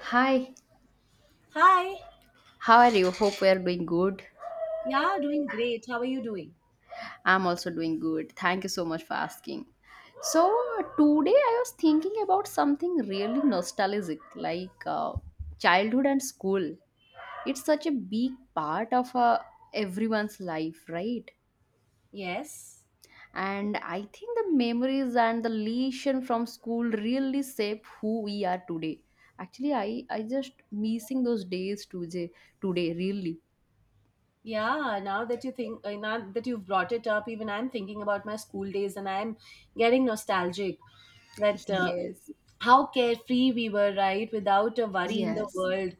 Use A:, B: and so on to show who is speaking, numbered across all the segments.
A: Hi,
B: Hi.
A: how are you? Hope we are doing good.
B: Yeah, doing great. How are you doing?
A: I'm also doing good. Thank you so much for asking. So, today I was thinking about something really nostalgic like childhood and school. It's such a big part of everyone's life, right?
B: Yes.
A: And I think the memories and the lesson from school really shape who we are today. Actually, I just missing those days today, today, really.
B: Yeah, now that you think, now that you've brought it up, even I'm thinking about my school days and I'm getting nostalgic that
A: Yes,
B: how carefree we were, right? Without a worry in the
A: yes.
B: world,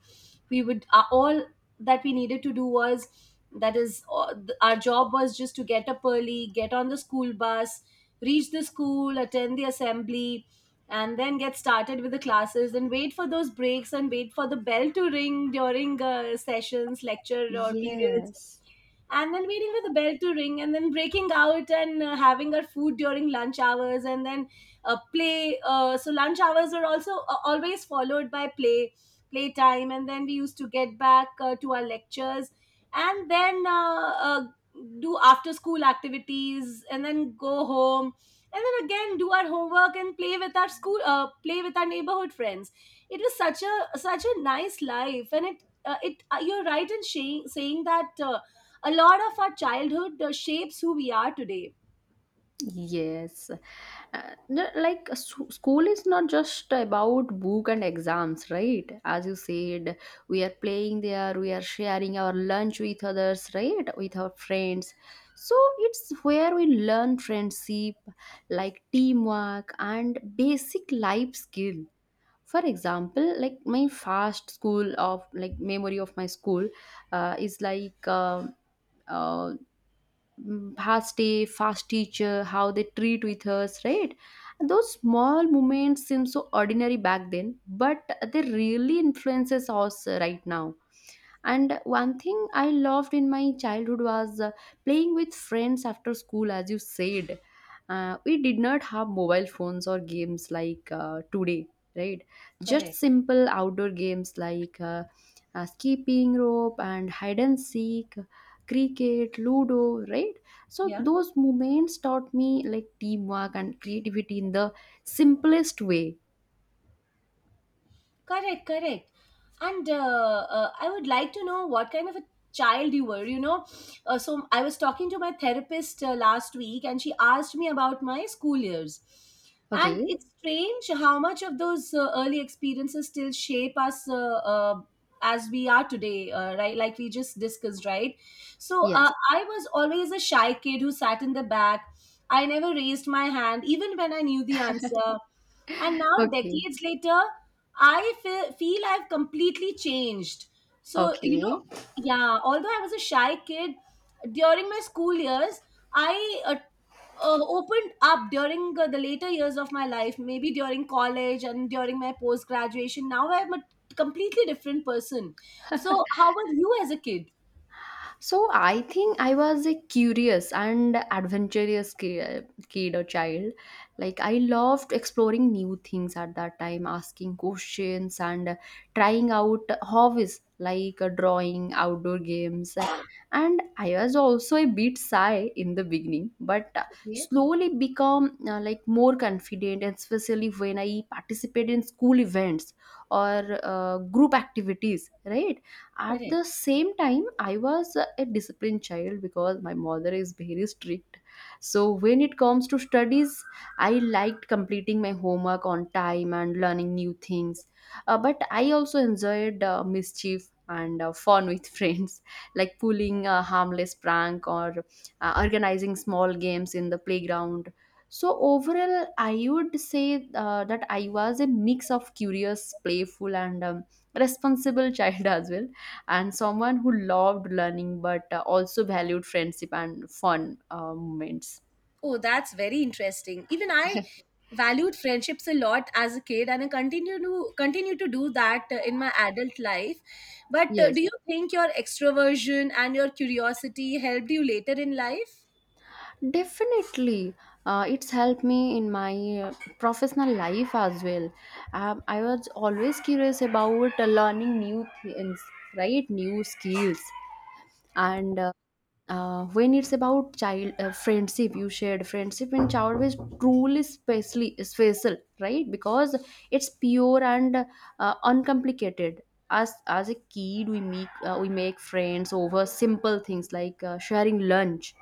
B: we would all that we needed to do was our job was just to get up early, get on the school bus, reach the school, attend the assembly, and then get started with the classes and wait for those breaks and wait for the bell to ring during sessions, lecture or periods
A: Yes,
B: and then waiting for the bell to ring and then breaking out and having our food during lunch hours and then play so lunch hours were also always followed by playtime and then we used to get back to our lectures and then do after school activities and then go home and then again do our homework and play with our school play with our neighborhood friends. It was such a nice life, and it it you're right in saying that a lot of our childhood shapes who we are today.
A: yes. No, like s- School is not just about book and exams, right? As you said, we are playing there, we are sharing our lunch with others, right? With our friends. So it's where we learn friendship, like teamwork and basic life skill. For example, like my first school of like memory of my school is uh, past day, fast teacher, how they treat with us, right? And those small moments seem so ordinary back then, but they really influences us right now. And one thing I loved in my childhood was playing with friends after school, as you said. We did not have mobile phones or games like today, right? Just
B: Correct.
A: simple outdoor games like skipping rope and hide and seek, cricket, ludo, right? So
B: Yeah.
A: those moments taught me like teamwork and creativity in the simplest way.
B: Correct, correct. And I would like to know what kind of a child you were. You know, so I was talking to my therapist last week, and she asked me about my school years. And
A: Okay.
B: it's strange how much of those early experiences still shape us uh, as we are today, right? Like we just discussed, right? So
A: Yes.
B: I was always a shy kid who sat in the back. I never raised my hand, even when I knew the answer. And now,
A: Okay.
B: decades later, I feel I've completely changed. So, you know,
A: Okay.
B: yeah, although I was a shy kid during my school years, I opened up during the later years of my life, maybe during college and during my post graduation. Now I'm a completely different person. So, how was you as a kid?
A: So I think I was a curious and adventurous kid or child. Like I loved exploring new things at that time, asking questions and trying out hobbies like drawing, outdoor games. And I was also a bit shy in the beginning, but
B: Okay,
A: slowly become like more confident, and especially when I participated in school events or group activities, right? At
B: correct.
A: the same time, I was a disciplined child because my mother is very strict, so when it comes to studies, I liked completing my homework on time and learning new things. But I also enjoyed mischief and fun with friends, like pulling a harmless prank or organizing small games in the playground. So overall, I would say that I was a mix of curious, playful, and responsible child as well, and someone who loved learning but also valued friendship and fun moments.
B: Oh, that's very interesting. Even I valued friendships a lot as a kid, and I continue to do that in my adult life. But
A: Yes,
B: do you think your extroversion and your curiosity helped you later in life?
A: definitely. It's helped me in my uh, professional life as well. I was always curious about learning new things, right? New skills. And When it's about child friendship you shared, friendship in childhood is truly special, right? Because it's pure and uncomplicated. As a kid, we make friends over simple things like sharing lunch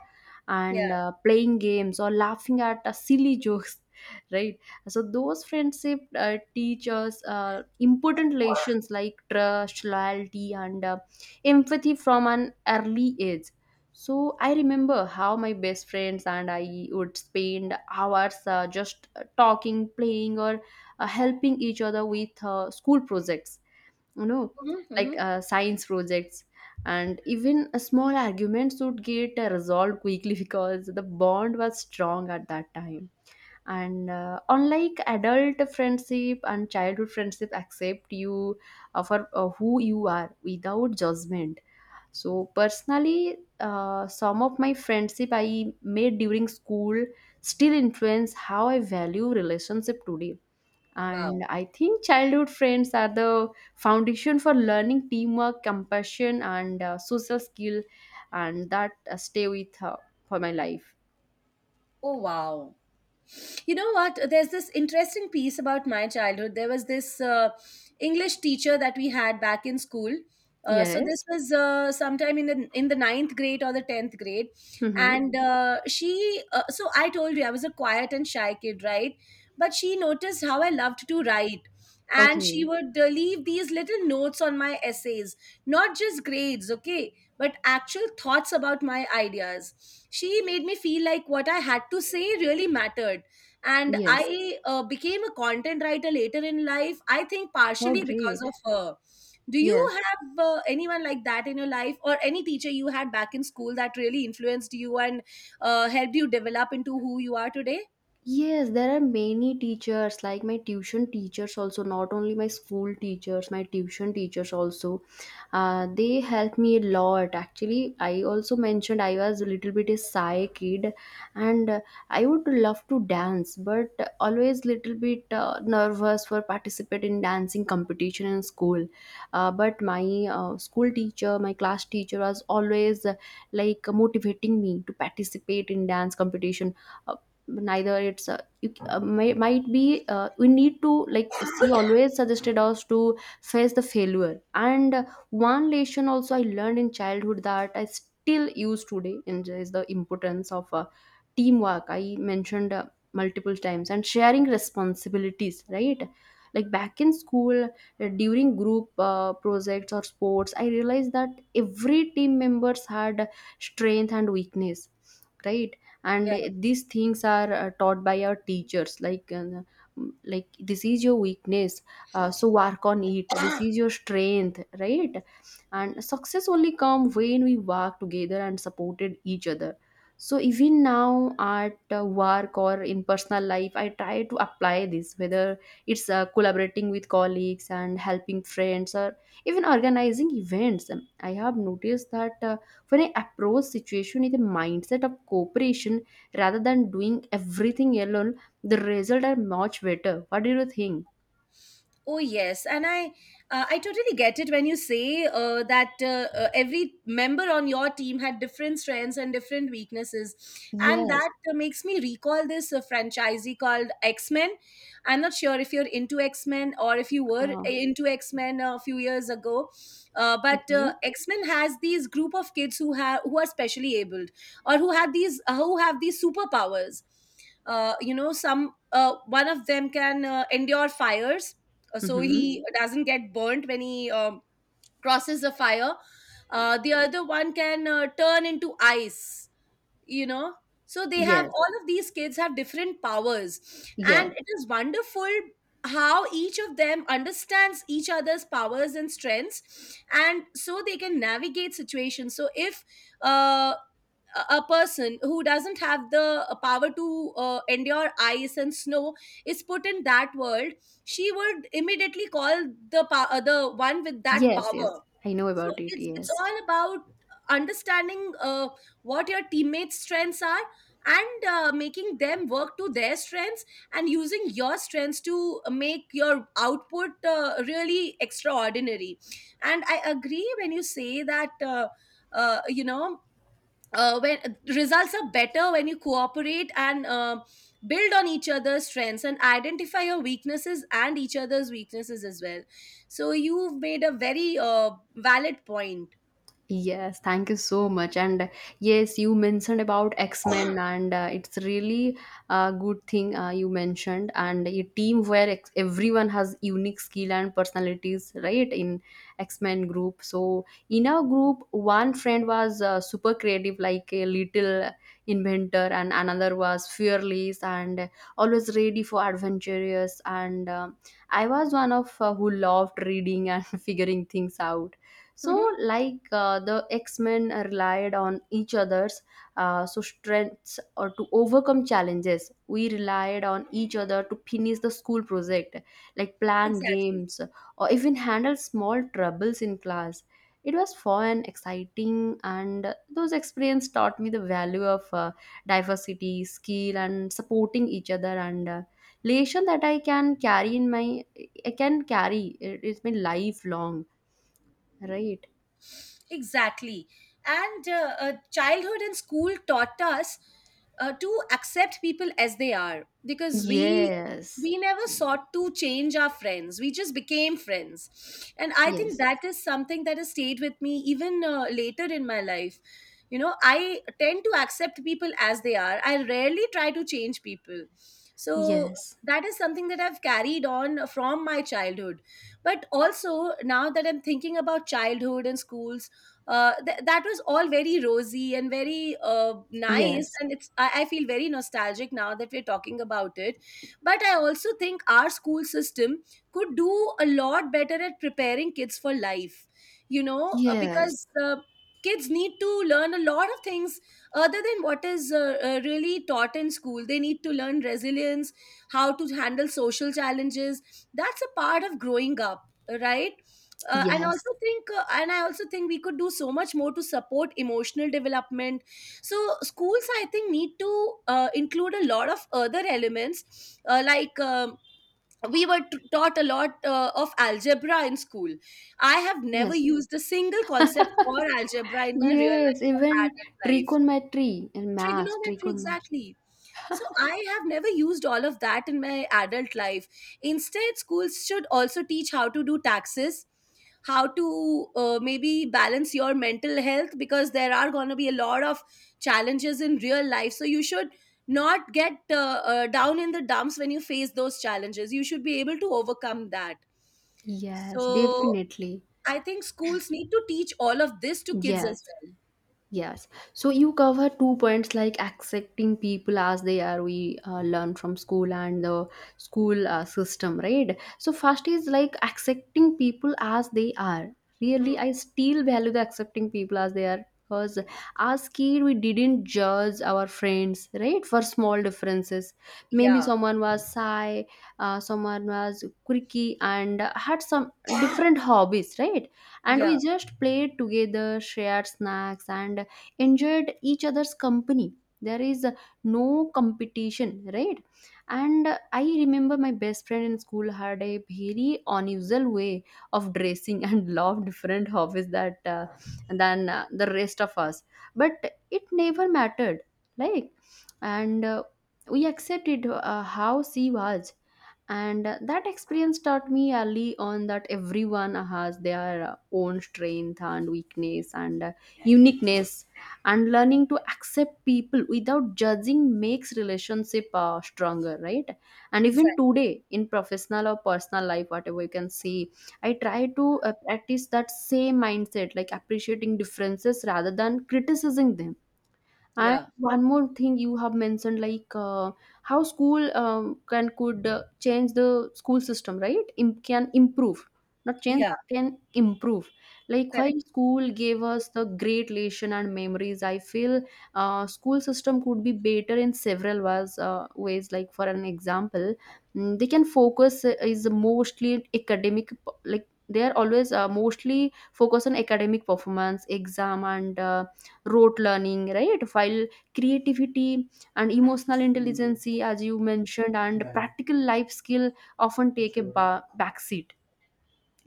A: and
B: Yeah.
A: playing games or laughing at silly jokes, right? So those friendship teach us important lessons like trust, loyalty, and empathy from an early age. So I remember how my best friends and I would spend hours just talking, playing, or helping each other with school projects, you know, like
B: Hmm.
A: science projects. And even a small arguments would get resolved quickly because the bond was strong at that time. And unlike adult friendship, and childhood friendship accept you for who you are without judgment. So personally, some of my friendship I made during school still influence how I value relationship today. And
B: Wow.
A: I think childhood friends are the foundation for learning teamwork, compassion, and social skill, and that stay with for my life.
B: Oh, wow. You know what? There's this interesting piece about my childhood. There was this English teacher that we had back in school. So this
A: Yes.
B: was sometime in the ninth grade or the tenth grade,
A: Mm-hmm.
B: and she. So I told you I was a quiet and shy kid, right? But she noticed how I loved to write, and she
A: Okay.
B: would leave these little notes on my essays, not just grades, okay, but actual thoughts about my ideas. She made me feel like what I had to say really mattered, and
A: Yes.
B: I became a content writer later in life. I think
A: Oh,
B: partially because
A: great.
B: of her. Do you
A: Yes.
B: have anyone like that in your life, or any teacher you had back in school that really influenced you and helped you develop into who you are today?
A: Yes, there are many teachers, like my tuition teachers also, not only my school teachers, my tuition teachers also. They helped me a lot. Actually, I also mentioned I was a little bit a shy kid, and I would love to dance, but always little bit nervous for participate in dancing competition in school. But my school teacher, my class teacher was always like motivating me to participate in dance competition. Uh, neither it's you, c- may, might be We need to, like, she always suggested us to face the failure. And One lesson also I learned in childhood that I still use today and is the importance of teamwork, I mentioned multiple times, and sharing responsibilities, right? Like back in school, during group projects or sports, I realized that every team members had strength and weakness, right? And
B: Yeah.
A: these things are taught by our teachers, like this is your weakness, so work on it, this is your strength, right? And success only come when we work together and supported each other. So even now at work or in personal life, I try to apply this, whether it's collaborating with colleagues and helping friends or even organizing events. I have noticed that when I approach situation with a mindset of cooperation rather than doing everything alone, the result are much better. What do you think?
B: Oh yes, and I I totally get it when you say that every member on your team had different strengths and different weaknesses, and
A: Yes.
B: that makes me recall this franchisee called X Men. I'm not sure if you're into X Men or if you were
A: Uh,
B: into X Men a few years ago, uh, but
A: okay.
B: uh, X Men has these group of kids who have who are specially abled or who have these superpowers. You know, some one of them can endure fires, so
A: Mm-hmm.
B: he doesn't get burnt when he crosses the fire. The other one can turn into ice, you know. So they have,
A: Yes.
B: all of these kids have different powers,
A: Yes.
B: and it is wonderful how each of them understands each other's powers and strengths, and so they can navigate situations. So if uh, a person who doesn't have the power to endure ice and snow is put in that world, she would immediately call the one with that
A: Yes.
B: power.
A: Yes. I know
B: So
A: about it.
B: it's
A: Yes.
B: all about understanding what your teammates strengths are and making them work to their strengths and using your strengths to make your output really extraordinary. And I agree when you say that you know, when results are better when you cooperate and build on each other's strengths and identify your weaknesses and each other's weaknesses as well. So you've made a very valid point.
A: Yes, thank you so much. And yes, you mentioned about X-Men, and it's really a good thing you mentioned. And a team where everyone has unique skill and personalities, right? In X-Men group. So in our group, one friend was super creative, like a little inventor, and another was fearless and always ready for adventurous. And I was one of who loved reading and figuring things out. So
B: Mhm.
A: like the X-Men relied on each other's strengths or to overcome challenges, we relied on each other to finish the school project, like plan
B: Exactly.
A: games or even handle small troubles in class. It was fun, exciting, and those experience taught me the value of diversity skill and supporting each other, and relation that I can carry in my, I can carry it- it's my lifelong, right?
B: Exactly. And childhood and school taught us to accept people as they are, because we
A: Yes,
B: we never sought to change our friends, we just became friends. And I think
A: yes,
B: that is something that has stayed with me even later in my life. You know, I tend to accept people as they are, I rarely try to change people. So
A: yes,
B: that is something that I've carried on from my childhood. But also, now that I'm thinking about childhood and schools, that was all very rosy and very nice,
A: yes,
B: and I feel very nostalgic now that we're talking about it. But I also think our school system could do a lot better at preparing kids for life. You know, uh,
A: yes,
B: because uh, kids need to learn a lot of things other than what is really taught in school. They need to learn resilience, how to handle social challenges. That's a part of growing up, right? uh, and
A: yes,
B: also think uh, and I also think we could do so much more to support emotional development. So schools, I think, need to include a lot of other elements, like, we were taught a lot of algebra in school. I have never
A: yes,
B: used a single concept for algebra in my real
A: yes,
B: life or
A: even
B: adult life.
A: trigonometry and math,
B: Trigonometry,
A: trigonometry.
B: exactly. So I have never used all of that in my adult life. Instead, schools should also teach how to do taxes, how to maybe balance your mental health, because there are going to be a lot of challenges in real life, so you should not get down in the dumps when you face those challenges. You should be able to overcome that.
A: Yes,
B: So
A: definitely.
B: I think schools need to teach all of this to kids
A: Yes.
B: as well.
A: Yes. So you cover two points like accepting people as they are, we learn from school and the school system, right? So, first is like accepting people as they are.
B: Hmm.
A: Really, I still value the accepting people as they are because as kid we didn't judge our friends, right, for small differences. Maybe
B: Yeah,
A: someone was shy, someone was quirky and had some different hobbies, right? And we
B: yeah.
A: just played together, shared snacks, and enjoyed each other's company. There is no competition, right? And I remember my best friend in school had a very unusual way of dressing and loved different hobbies that than the rest of us, but it never mattered. Like, and we accepted how she was. And that experience taught me early on that everyone has their own strength and weakness and uniqueness. And learning to accept people without judging makes relationship stronger, right? And even
B: Exactly.
A: today in professional or personal life, whatever you can say, I try to practice that same mindset, like appreciating differences rather than criticizing them. And
B: Yeah,
A: one more thing you have mentioned, like how school can, could change the school system, right? Can improve, not change,
B: yeah,
A: can improve. Like while
B: correct.
A: school gave us the great lesson and memories, I feel school system could be better in several ways. Ways like for an example, they can focus is mostly academic, like they are always mostly focus on academic performance, exam, and. Rote learning, right? While creativity and emotional intelligence, as you mentioned, and practical life skill often take a backseat.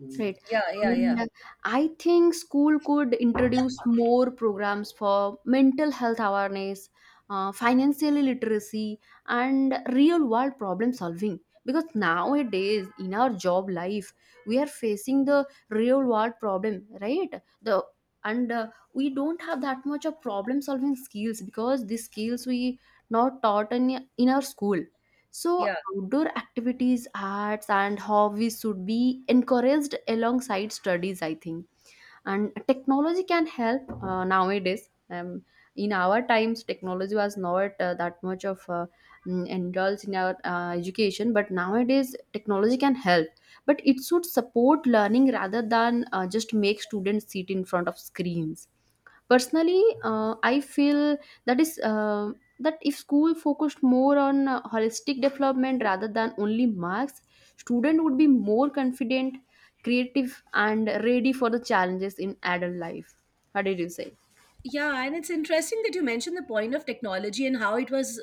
A: Mm. Right.
B: Yeah, yeah, yeah,
A: And I think school could introduce more programs for mental health awareness, financial literacy, and real world problem solving. Because nowadays, in our job life, we are facing the real world problem, right? The, and we don't have that much of problem solving skills because these skills we not taught in our school. So,
B: yeah.
A: outdoor activities, arts, and hobbies should be encouraged alongside studies, I think. And technology can help nowadays. In our times, technology was not that much of indulged in our education, but nowadays, technology can help. But it should support learning rather than just make students sit in front of screens. Personally, I feel that is that if school focused more on holistic development rather than only marks, student would be more confident, creative, and ready for the challenges in adult life. How did you say?
B: Yeah, and it's interesting that you mentioned the point of technology and how it was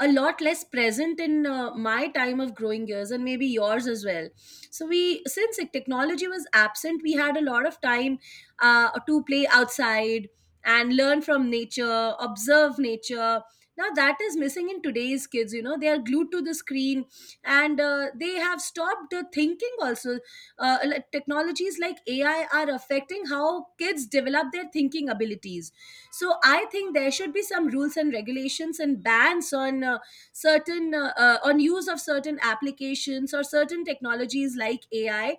B: a lot less present in my time of growing years, and maybe yours as well. So we, since technology was absent, we had a lot of time to play outside and learn from nature, observe nature. Now that is missing in today's kids. You know, they are glued to the screen, and they have stopped thinking. Also, technologies like AI are affecting how kids develop their thinking abilities. So I think there should be some rules and regulations and bans on certain on use of certain applications or certain technologies like AI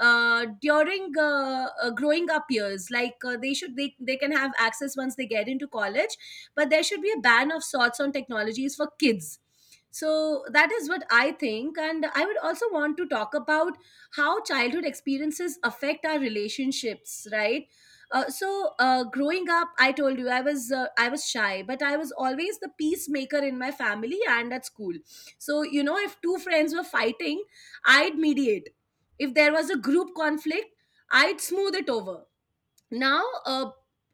B: during growing up years. Like, they can have access once they get into college, but there should be a ban of sorts on technologies for kids. So that is what I think. And I would also want to talk about how childhood experiences affect our relationships, right? So growing up, I told you I was shy, but I was always the peacemaker in my family and at school. So, you know, if two friends were fighting, I'd mediate. If there was a group conflict, I'd smooth it over. now uh,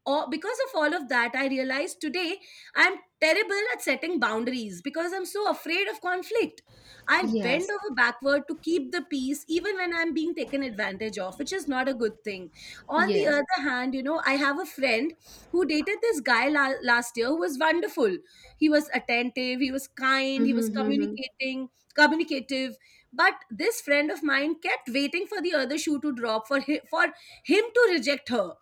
B: or because of all of that, I realized today I'm terrible at setting boundaries because I'm so afraid of conflict. I'll bend
A: Yes.
B: over backward to keep the peace even when I'm being taken advantage of, which is not a good thing. On the
A: Yes.
B: other hand, you know, I have a friend who dated this guy last year, who was wonderful. He was attentive, he was kind, he was
A: Mm-hmm.
B: communicating communicative. But this friend of mine kept waiting for the other shoe to drop, for him for him to reject her.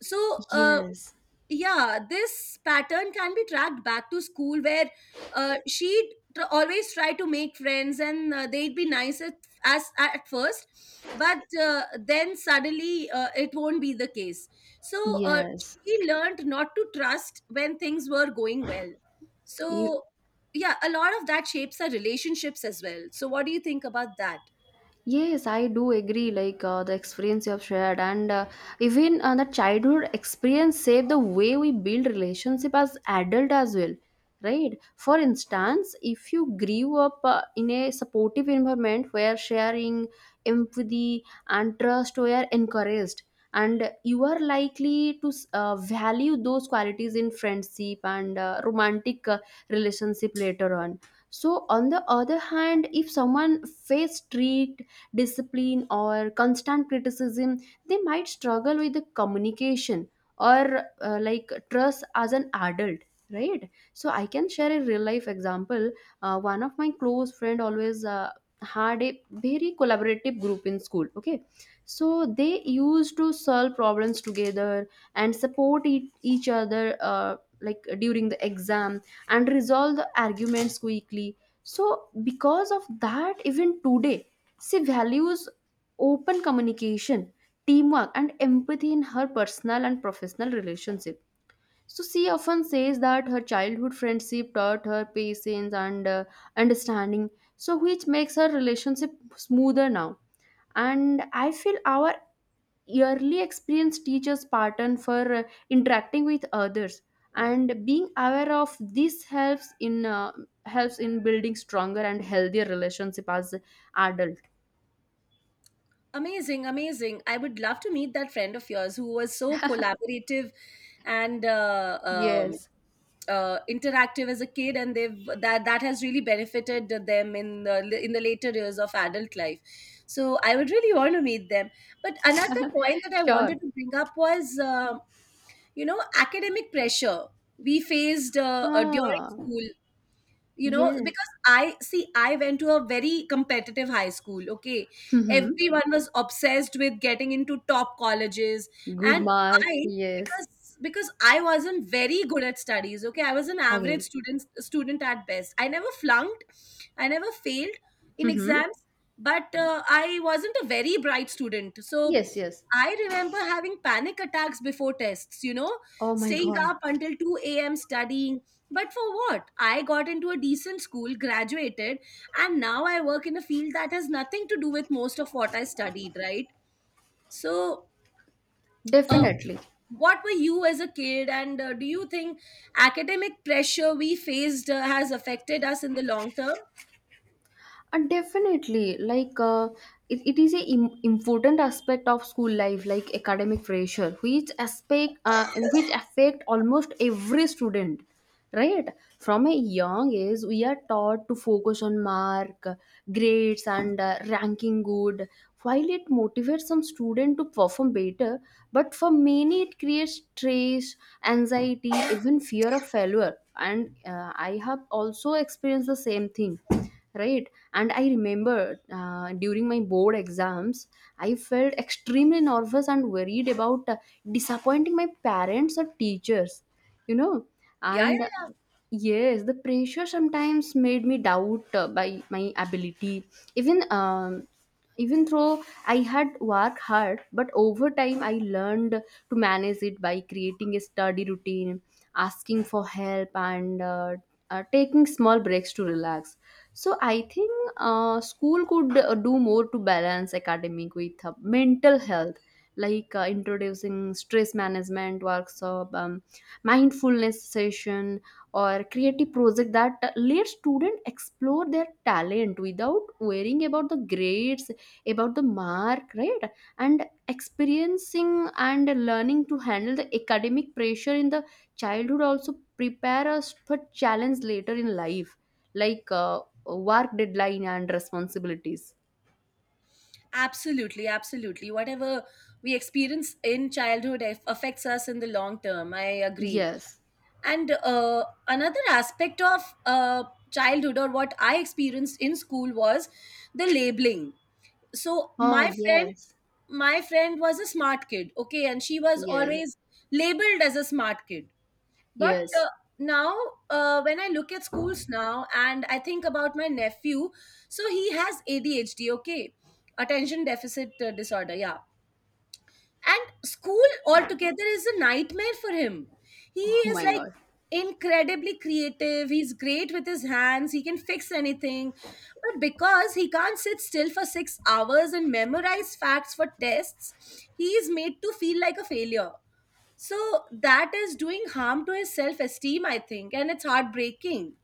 B: So
A: Yes.
B: yeah, this pattern can be tracked back to school where she'd always try to make friends, and they'd be nice as at first, but then suddenly it won't be the case. So
A: Yes.
B: she learned not to trust when things were going well. So yeah, a lot of that shapes her relationships as well. So what do you think about that?
A: Yes, I do agree. Like the experience you have shared, and even the childhood experience save the way we build relationship as adult as well, right? For instance, if you grew up in a supportive environment where sharing, empathy, and trust were encouraged, and you are likely to value those qualities in friendship and romantic relationship later on. So, on the other hand, if someone faced strict discipline or constant criticism, they might struggle with the communication or like trust as an adult, right? So I can share a real life example. One of my close friend always had a very collaborative group in school, okay. So they used to solve problems together and support each other, uh, like during the exam, and resolve the arguments quickly. So because of that, even today she values open communication, teamwork, and empathy in her personal and professional relationship. So she often says that her childhood friendship taught her patience and understanding, so which makes her relationship smoother now. And I feel our early experience teaches pattern for interacting with others, and being aware of this helps in helps in building stronger and healthier relationship as adult.
B: Amazing, amazing. I would love to meet that friend of yours who was so collaborative and
A: Yes.
B: interactive as a kid, and they've that that has really benefited them in the later years of adult life. So I would really want to meet them. But another point that I
A: Sure.
B: wanted to bring up was, you know, academic pressure we faced during
A: Ah,
B: school, you know,
A: yes.
B: because I went to a very competitive high school, okay.
A: Mm-hmm.
B: Everyone was obsessed with getting into top colleges,
A: Good
B: and
A: mark.
B: I
A: Yes.
B: because I wasn't very good at studies, okay. I was an average
A: Okay.
B: student at best. I never flunked, I never failed in
A: Mm-hmm.
B: exams, but I wasn't a very bright student. So
A: Yes, yes.
B: I remember having panic attacks before tests, you know,
A: Oh my
B: staying
A: God.
B: up until 2 a.m. studying, but for what? I got into a decent school, graduated, and now I work in a field that has nothing to do with most of what I studied, right? So, uh,
A: Definitely.
B: what were you as a kid, and do you think academic pressure we faced has affected us in the long term?
A: Definitely, like it is a important aspect of school life, like academic pressure, which aspect and which affect almost every student, right? From a young age we are taught to focus on mark, grades, and ranking good. While it motivates some student to perform better, but for many it creates stress, anxiety, even fear of failure, and I have also experienced the same thing, right? And I remember during my board exams I felt extremely nervous and worried about disappointing my parents or teachers, you know.
B: Yeah, yeah,
A: And
B: yeah.
A: yes, the pressure sometimes made me doubt by my ability, even even though I had worked hard. But over time I learned to manage it by creating a study routine, asking for help, and taking small breaks to relax. So I think school could do more to balance academic with mental health, like introducing stress management workshop, mindfulness session, or creative project that let students explore their talent without worrying about the grades, about the mark, right? And experiencing and learning to handle the academic pressure in the childhood also prepare us for challenge later in life, like work deadline and responsibilities.
B: Absolutely, absolutely. Whatever we experience in childhood affects us in the long term. I agree.
A: Yes.
B: And another aspect of childhood or what I experienced in school was the labeling. So
A: Oh,
B: my friend,
A: yes.
B: my friend was a smart kid, okay, and she was
A: Yeah.
B: always labeled as a smart kid. But
A: Yes.
B: now, when I look at schools now and I think about my nephew, so he has ADHD, okay, attention deficit disorder, yeah. And school altogether is a nightmare for him. He
A: Oh
B: is
A: my
B: like
A: God.
B: incredibly creative. He's great with his hands. He can fix anything. But because he can't sit still for 6 hours and memorize facts for tests, he is made to feel like a failure. So that is doing harm to his self esteem, I think. And it's heartbreaking.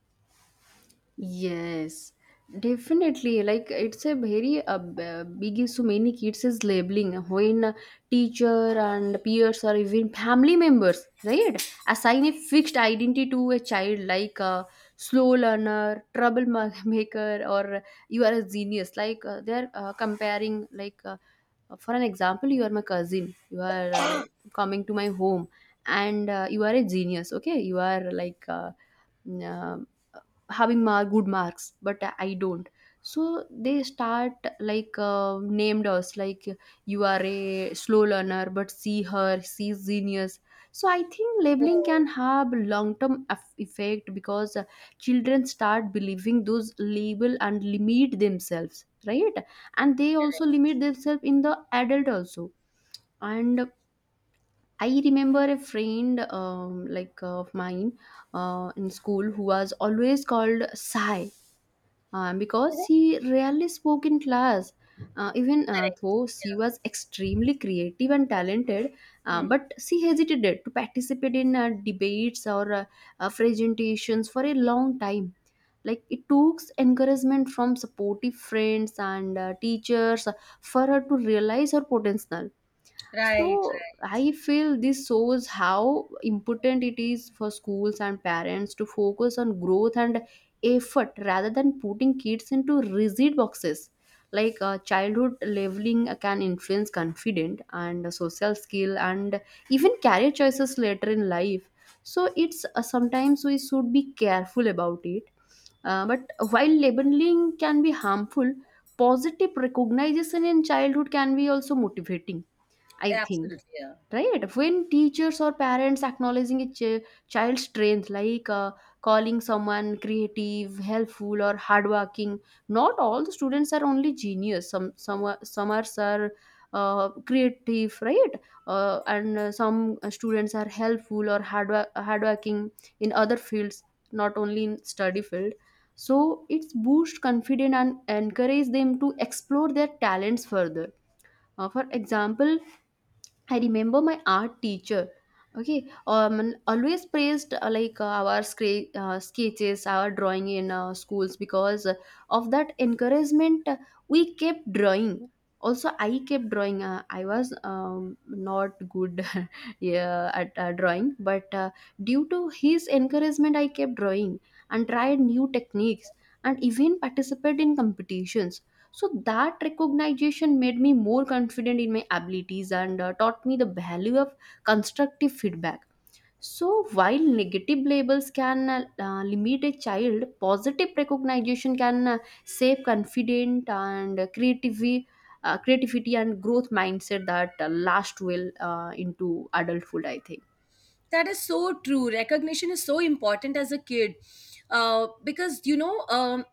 A: Yes, definitely. Like, it's a very big issue. Many kids is labeling when teacher and peers or even family members, right? Assign a fixed identity to a child, like a slow learner, troublemaker, or you are a genius. Like they're comparing, like for an example, you are my cousin. You are coming to my home, and you are a genius. Okay, you are like. Having mark good marks but I don't. So they start, like named us like, you are a slow learner, but see her, she's genius. So I think labeling
B: Oh,
A: can have long term effect, because children start believing those label and limit themselves, right? And they also limit themselves in the adult also. And I remember a friend of mine in school, who was always called sai, because she rarely spoke in class. Even though she was extremely creative and talented,
B: hmm.
A: but she hesitated to participate in debates or presentations for a long time. Like, it took encouragement from supportive friends and teachers for her to realize her potential.
B: Right,
A: So
B: right.
A: I feel this shows how important it is for schools and parents to focus on growth and effort rather than putting kids into rigid boxes. Like childhood leveling can influence confidence and social skill and even career choices later in life. So it's sometimes we should be careful about it. But while labeling can be harmful, positive recognition in childhood can be also motivating, I think,
B: Absolutely. Yeah.
A: right? When teachers or parents acknowledging a child's strength, like calling someone creative, helpful, or hardworking. Not all the students are only genius, some are creative, right? And some students are helpful or hardworking in other fields, not only in study field. So it's boost confidence and encourage them to explore their talents further. For example, I remember my art teacher. Okay, always praised our sketches, our drawing in schools. Because of that encouragement, we kept drawing. Also, I kept drawing. I was not good yeah, at drawing, but due to his encouragement, I kept drawing and tried new techniques and even participate in competitions. So that recognition made me more confident in my abilities and taught me the value of constructive feedback. So while negative labels can limit a child, positive recognition can save confident and creativity, creativity and growth mindset that last well into adulthood, I think.
B: That is so true. Recognition is so important as a kid, because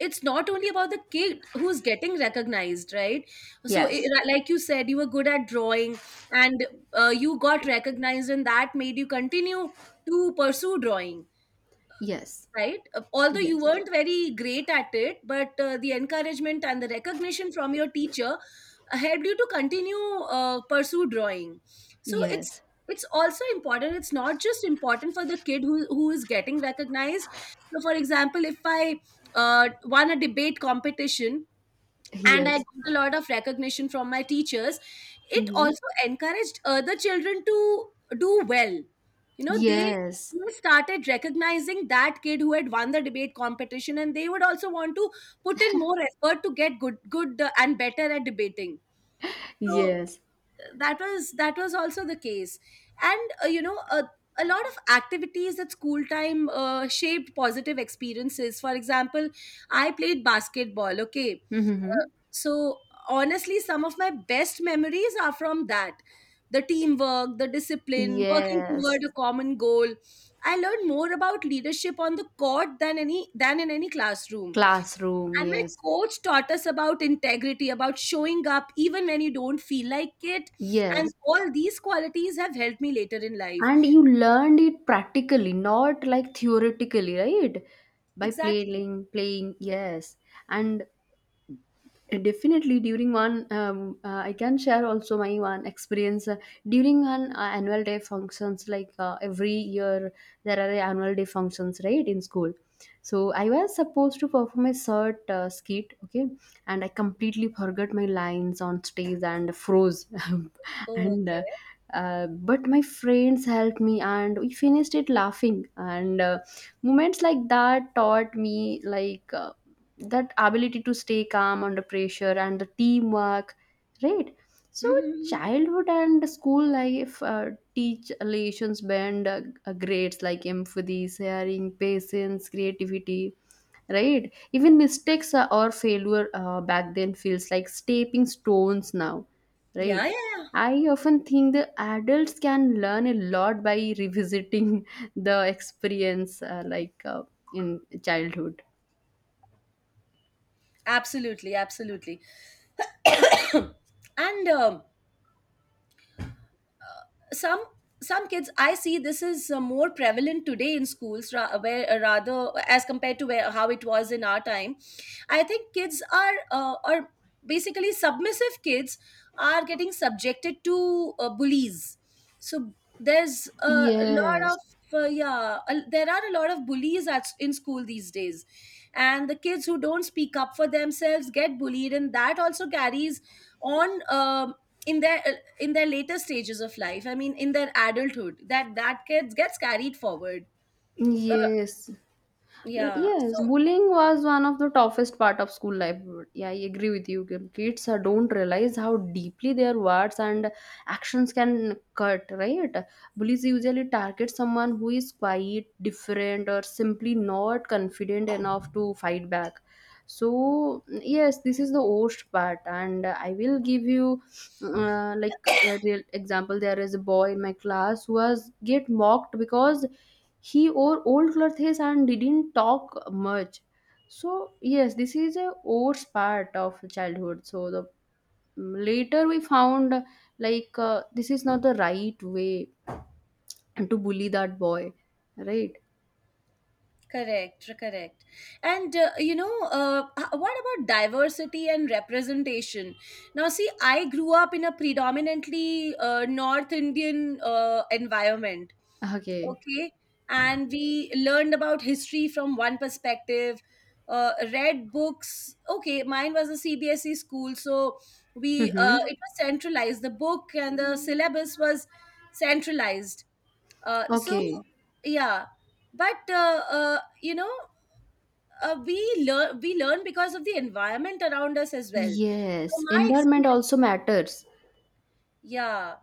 B: it's not only about the kid who's getting recognized, right? So
A: Yes.
B: like you said, you were good at drawing, and you got recognized and that made you continue to pursue drawing,
A: Yes.
B: right? Although you
A: Yes.
B: weren't very great at it, but the encouragement and the recognition from your teacher helped you to continue pursue drawing. So
A: Yes.
B: it's also important. It's not just important for the kid who is getting recognized. So, for example, if I won a debate competition, and I
A: Yes.
B: got a lot of recognition from my teachers. It
A: Hmm.
B: also encouraged other children to do well. You know, they
A: Yes.
B: they started recognizing that kid who had won the debate competition, and they would also want to put in more effort to get good and better at debating. So
A: Yes.
B: that was also the case. And you know, a lot of activities at school time shaped positive experiences. For example, I played basketball, okay. Uh,
A: Hmm.
B: so honestly, some of my best memories are from that: the teamwork, the discipline, working
A: Yes,
B: toward a common goal. I learned more about leadership on the court than any than in any classroom.
A: classroom,
B: And my
A: yes,
B: coach taught us about integrity, about showing up even when you don't feel like it. And
A: yes.
B: all these qualities have helped me later in life.
A: And you learned it practically, not like theoretically, right? By
B: Exactly.
A: playing, yes. And definitely during one I can share also my one experience during an annual day functions, like every year there are annual day functions, right, in school. So I was supposed to perform a short skit, okay, and I completely forgot my lines on stage and froze. and uh,
B: Okay.
A: uh, but my friends helped me and we finished it laughing. And moments like that taught me, like that ability to stay calm under pressure and the teamwork, right? So
B: Hmm.
A: childhood and school life teach lessons beyond grades, like empathy, sharing, patience, creativity, right? Even mistakes or failure back then feels like stepping stones now,
B: Yeah,
A: right?
B: yeah, yeah.
A: I often think the adults can learn a lot by revisiting the experience in childhood.
B: Absolutely, absolutely. and some some kids, I see this is more prevalent today in schools, where rather, as compared to where how it was in our time, I think kids are basically submissive. Kids are getting subjected to bullies. So there's a lot
A: Yes.
B: of yeah, there are a lot of bullies in school these days, and the kids who don't speak up for themselves get bullied, and that also carries on in their in their later stages of life. I mean, in their adulthood, that gets carried forward. uh,
A: Yes.
B: yeah, so
A: Yes, bullying was one of the toughest part of school life. Yeah, I agree with you, Kim. Kids don't realize how deeply their words and actions can cut, right? Bullies usually target someone who is quiet, different, or simply not confident enough to fight back. So yes, this is the worst part, and I will give you like a real example. There is a boy in my class who was get mocked because he wore old clothes and didn't talk much. So yes, this is a worst part of childhood. So the, mm, later we found, like this is not the right way to bully that boy, right?
B: correct, correct. And you know, what about diversity and representation? Now, see, I grew up in a predominantly North Indian environment.
A: Okay.
B: Okay. And we learned about history from one perspective, read books. Okay, mine was a CBSE school, so we
A: Mm-hmm.
B: it was centralized. The book and the syllabus was centralized, so
A: Okay.
B: yeah. But you know, uh, we we learn because of the environment around us as well. So
A: Yes,
B: my
A: environment
B: experience,
A: also matters.
B: yeah.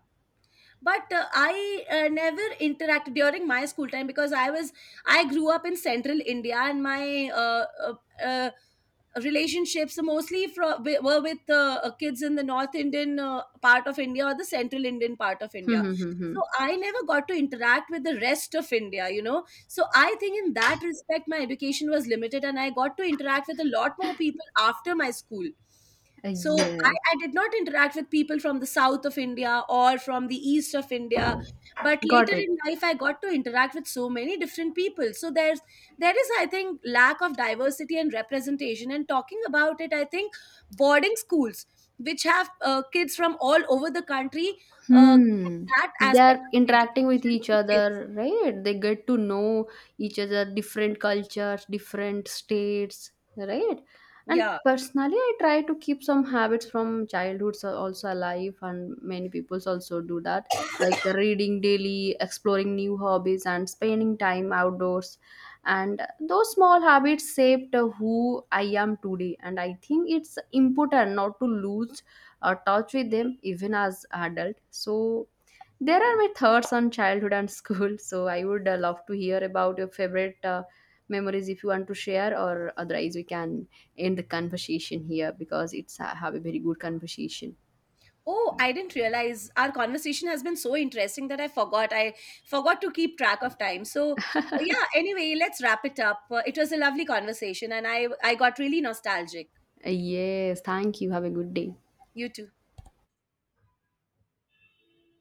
B: But I never interacted during my school time because I was I grew up in central India, and my uh, relationships mostly from were with kids in the north Indian part of India or the central Indian part of
A: Hmm,
B: India.
A: hmm, hmm, hmm.
B: So I never got to interact with the rest of India, you know. So I think in that respect my education was limited, and I got to interact with a lot more people after my school. So
A: Yes.
B: I did not interact with people from the south of India or from the east of India. But
A: Got
B: later
A: it.
B: in life I got to interact with so many different people. So there is, I think, lack of diversity and representation. And talking about it, I think boarding schools, which have kids from all over the country, give
A: Hmm.
B: that
A: They
B: aspect
A: are
B: of
A: interacting with
B: education
A: each
B: to kids.
A: other, right? They get to know each other, different cultures, different states, right? And
B: Yeah.
A: personally, I try to keep some habits from childhood also alive, and many people also do that, like reading daily, exploring new hobbies, and spending time outdoors. And those small habits shaped who I am today, and I think it's important not to lose or touch with them even as adult. So there are my thoughts on childhood and school. So I would love to hear about your favorite memories if you want to share, or otherwise we can end the conversation here, because it's have a very good conversation.
B: Oh, I didn't realize our conversation has been so interesting that I forgot. I forgot to keep track of time. So, yeah, anyway, let's wrap it up. It was a lovely conversation and I got really nostalgic.
A: Yes, thank you, have a good day.
B: You too.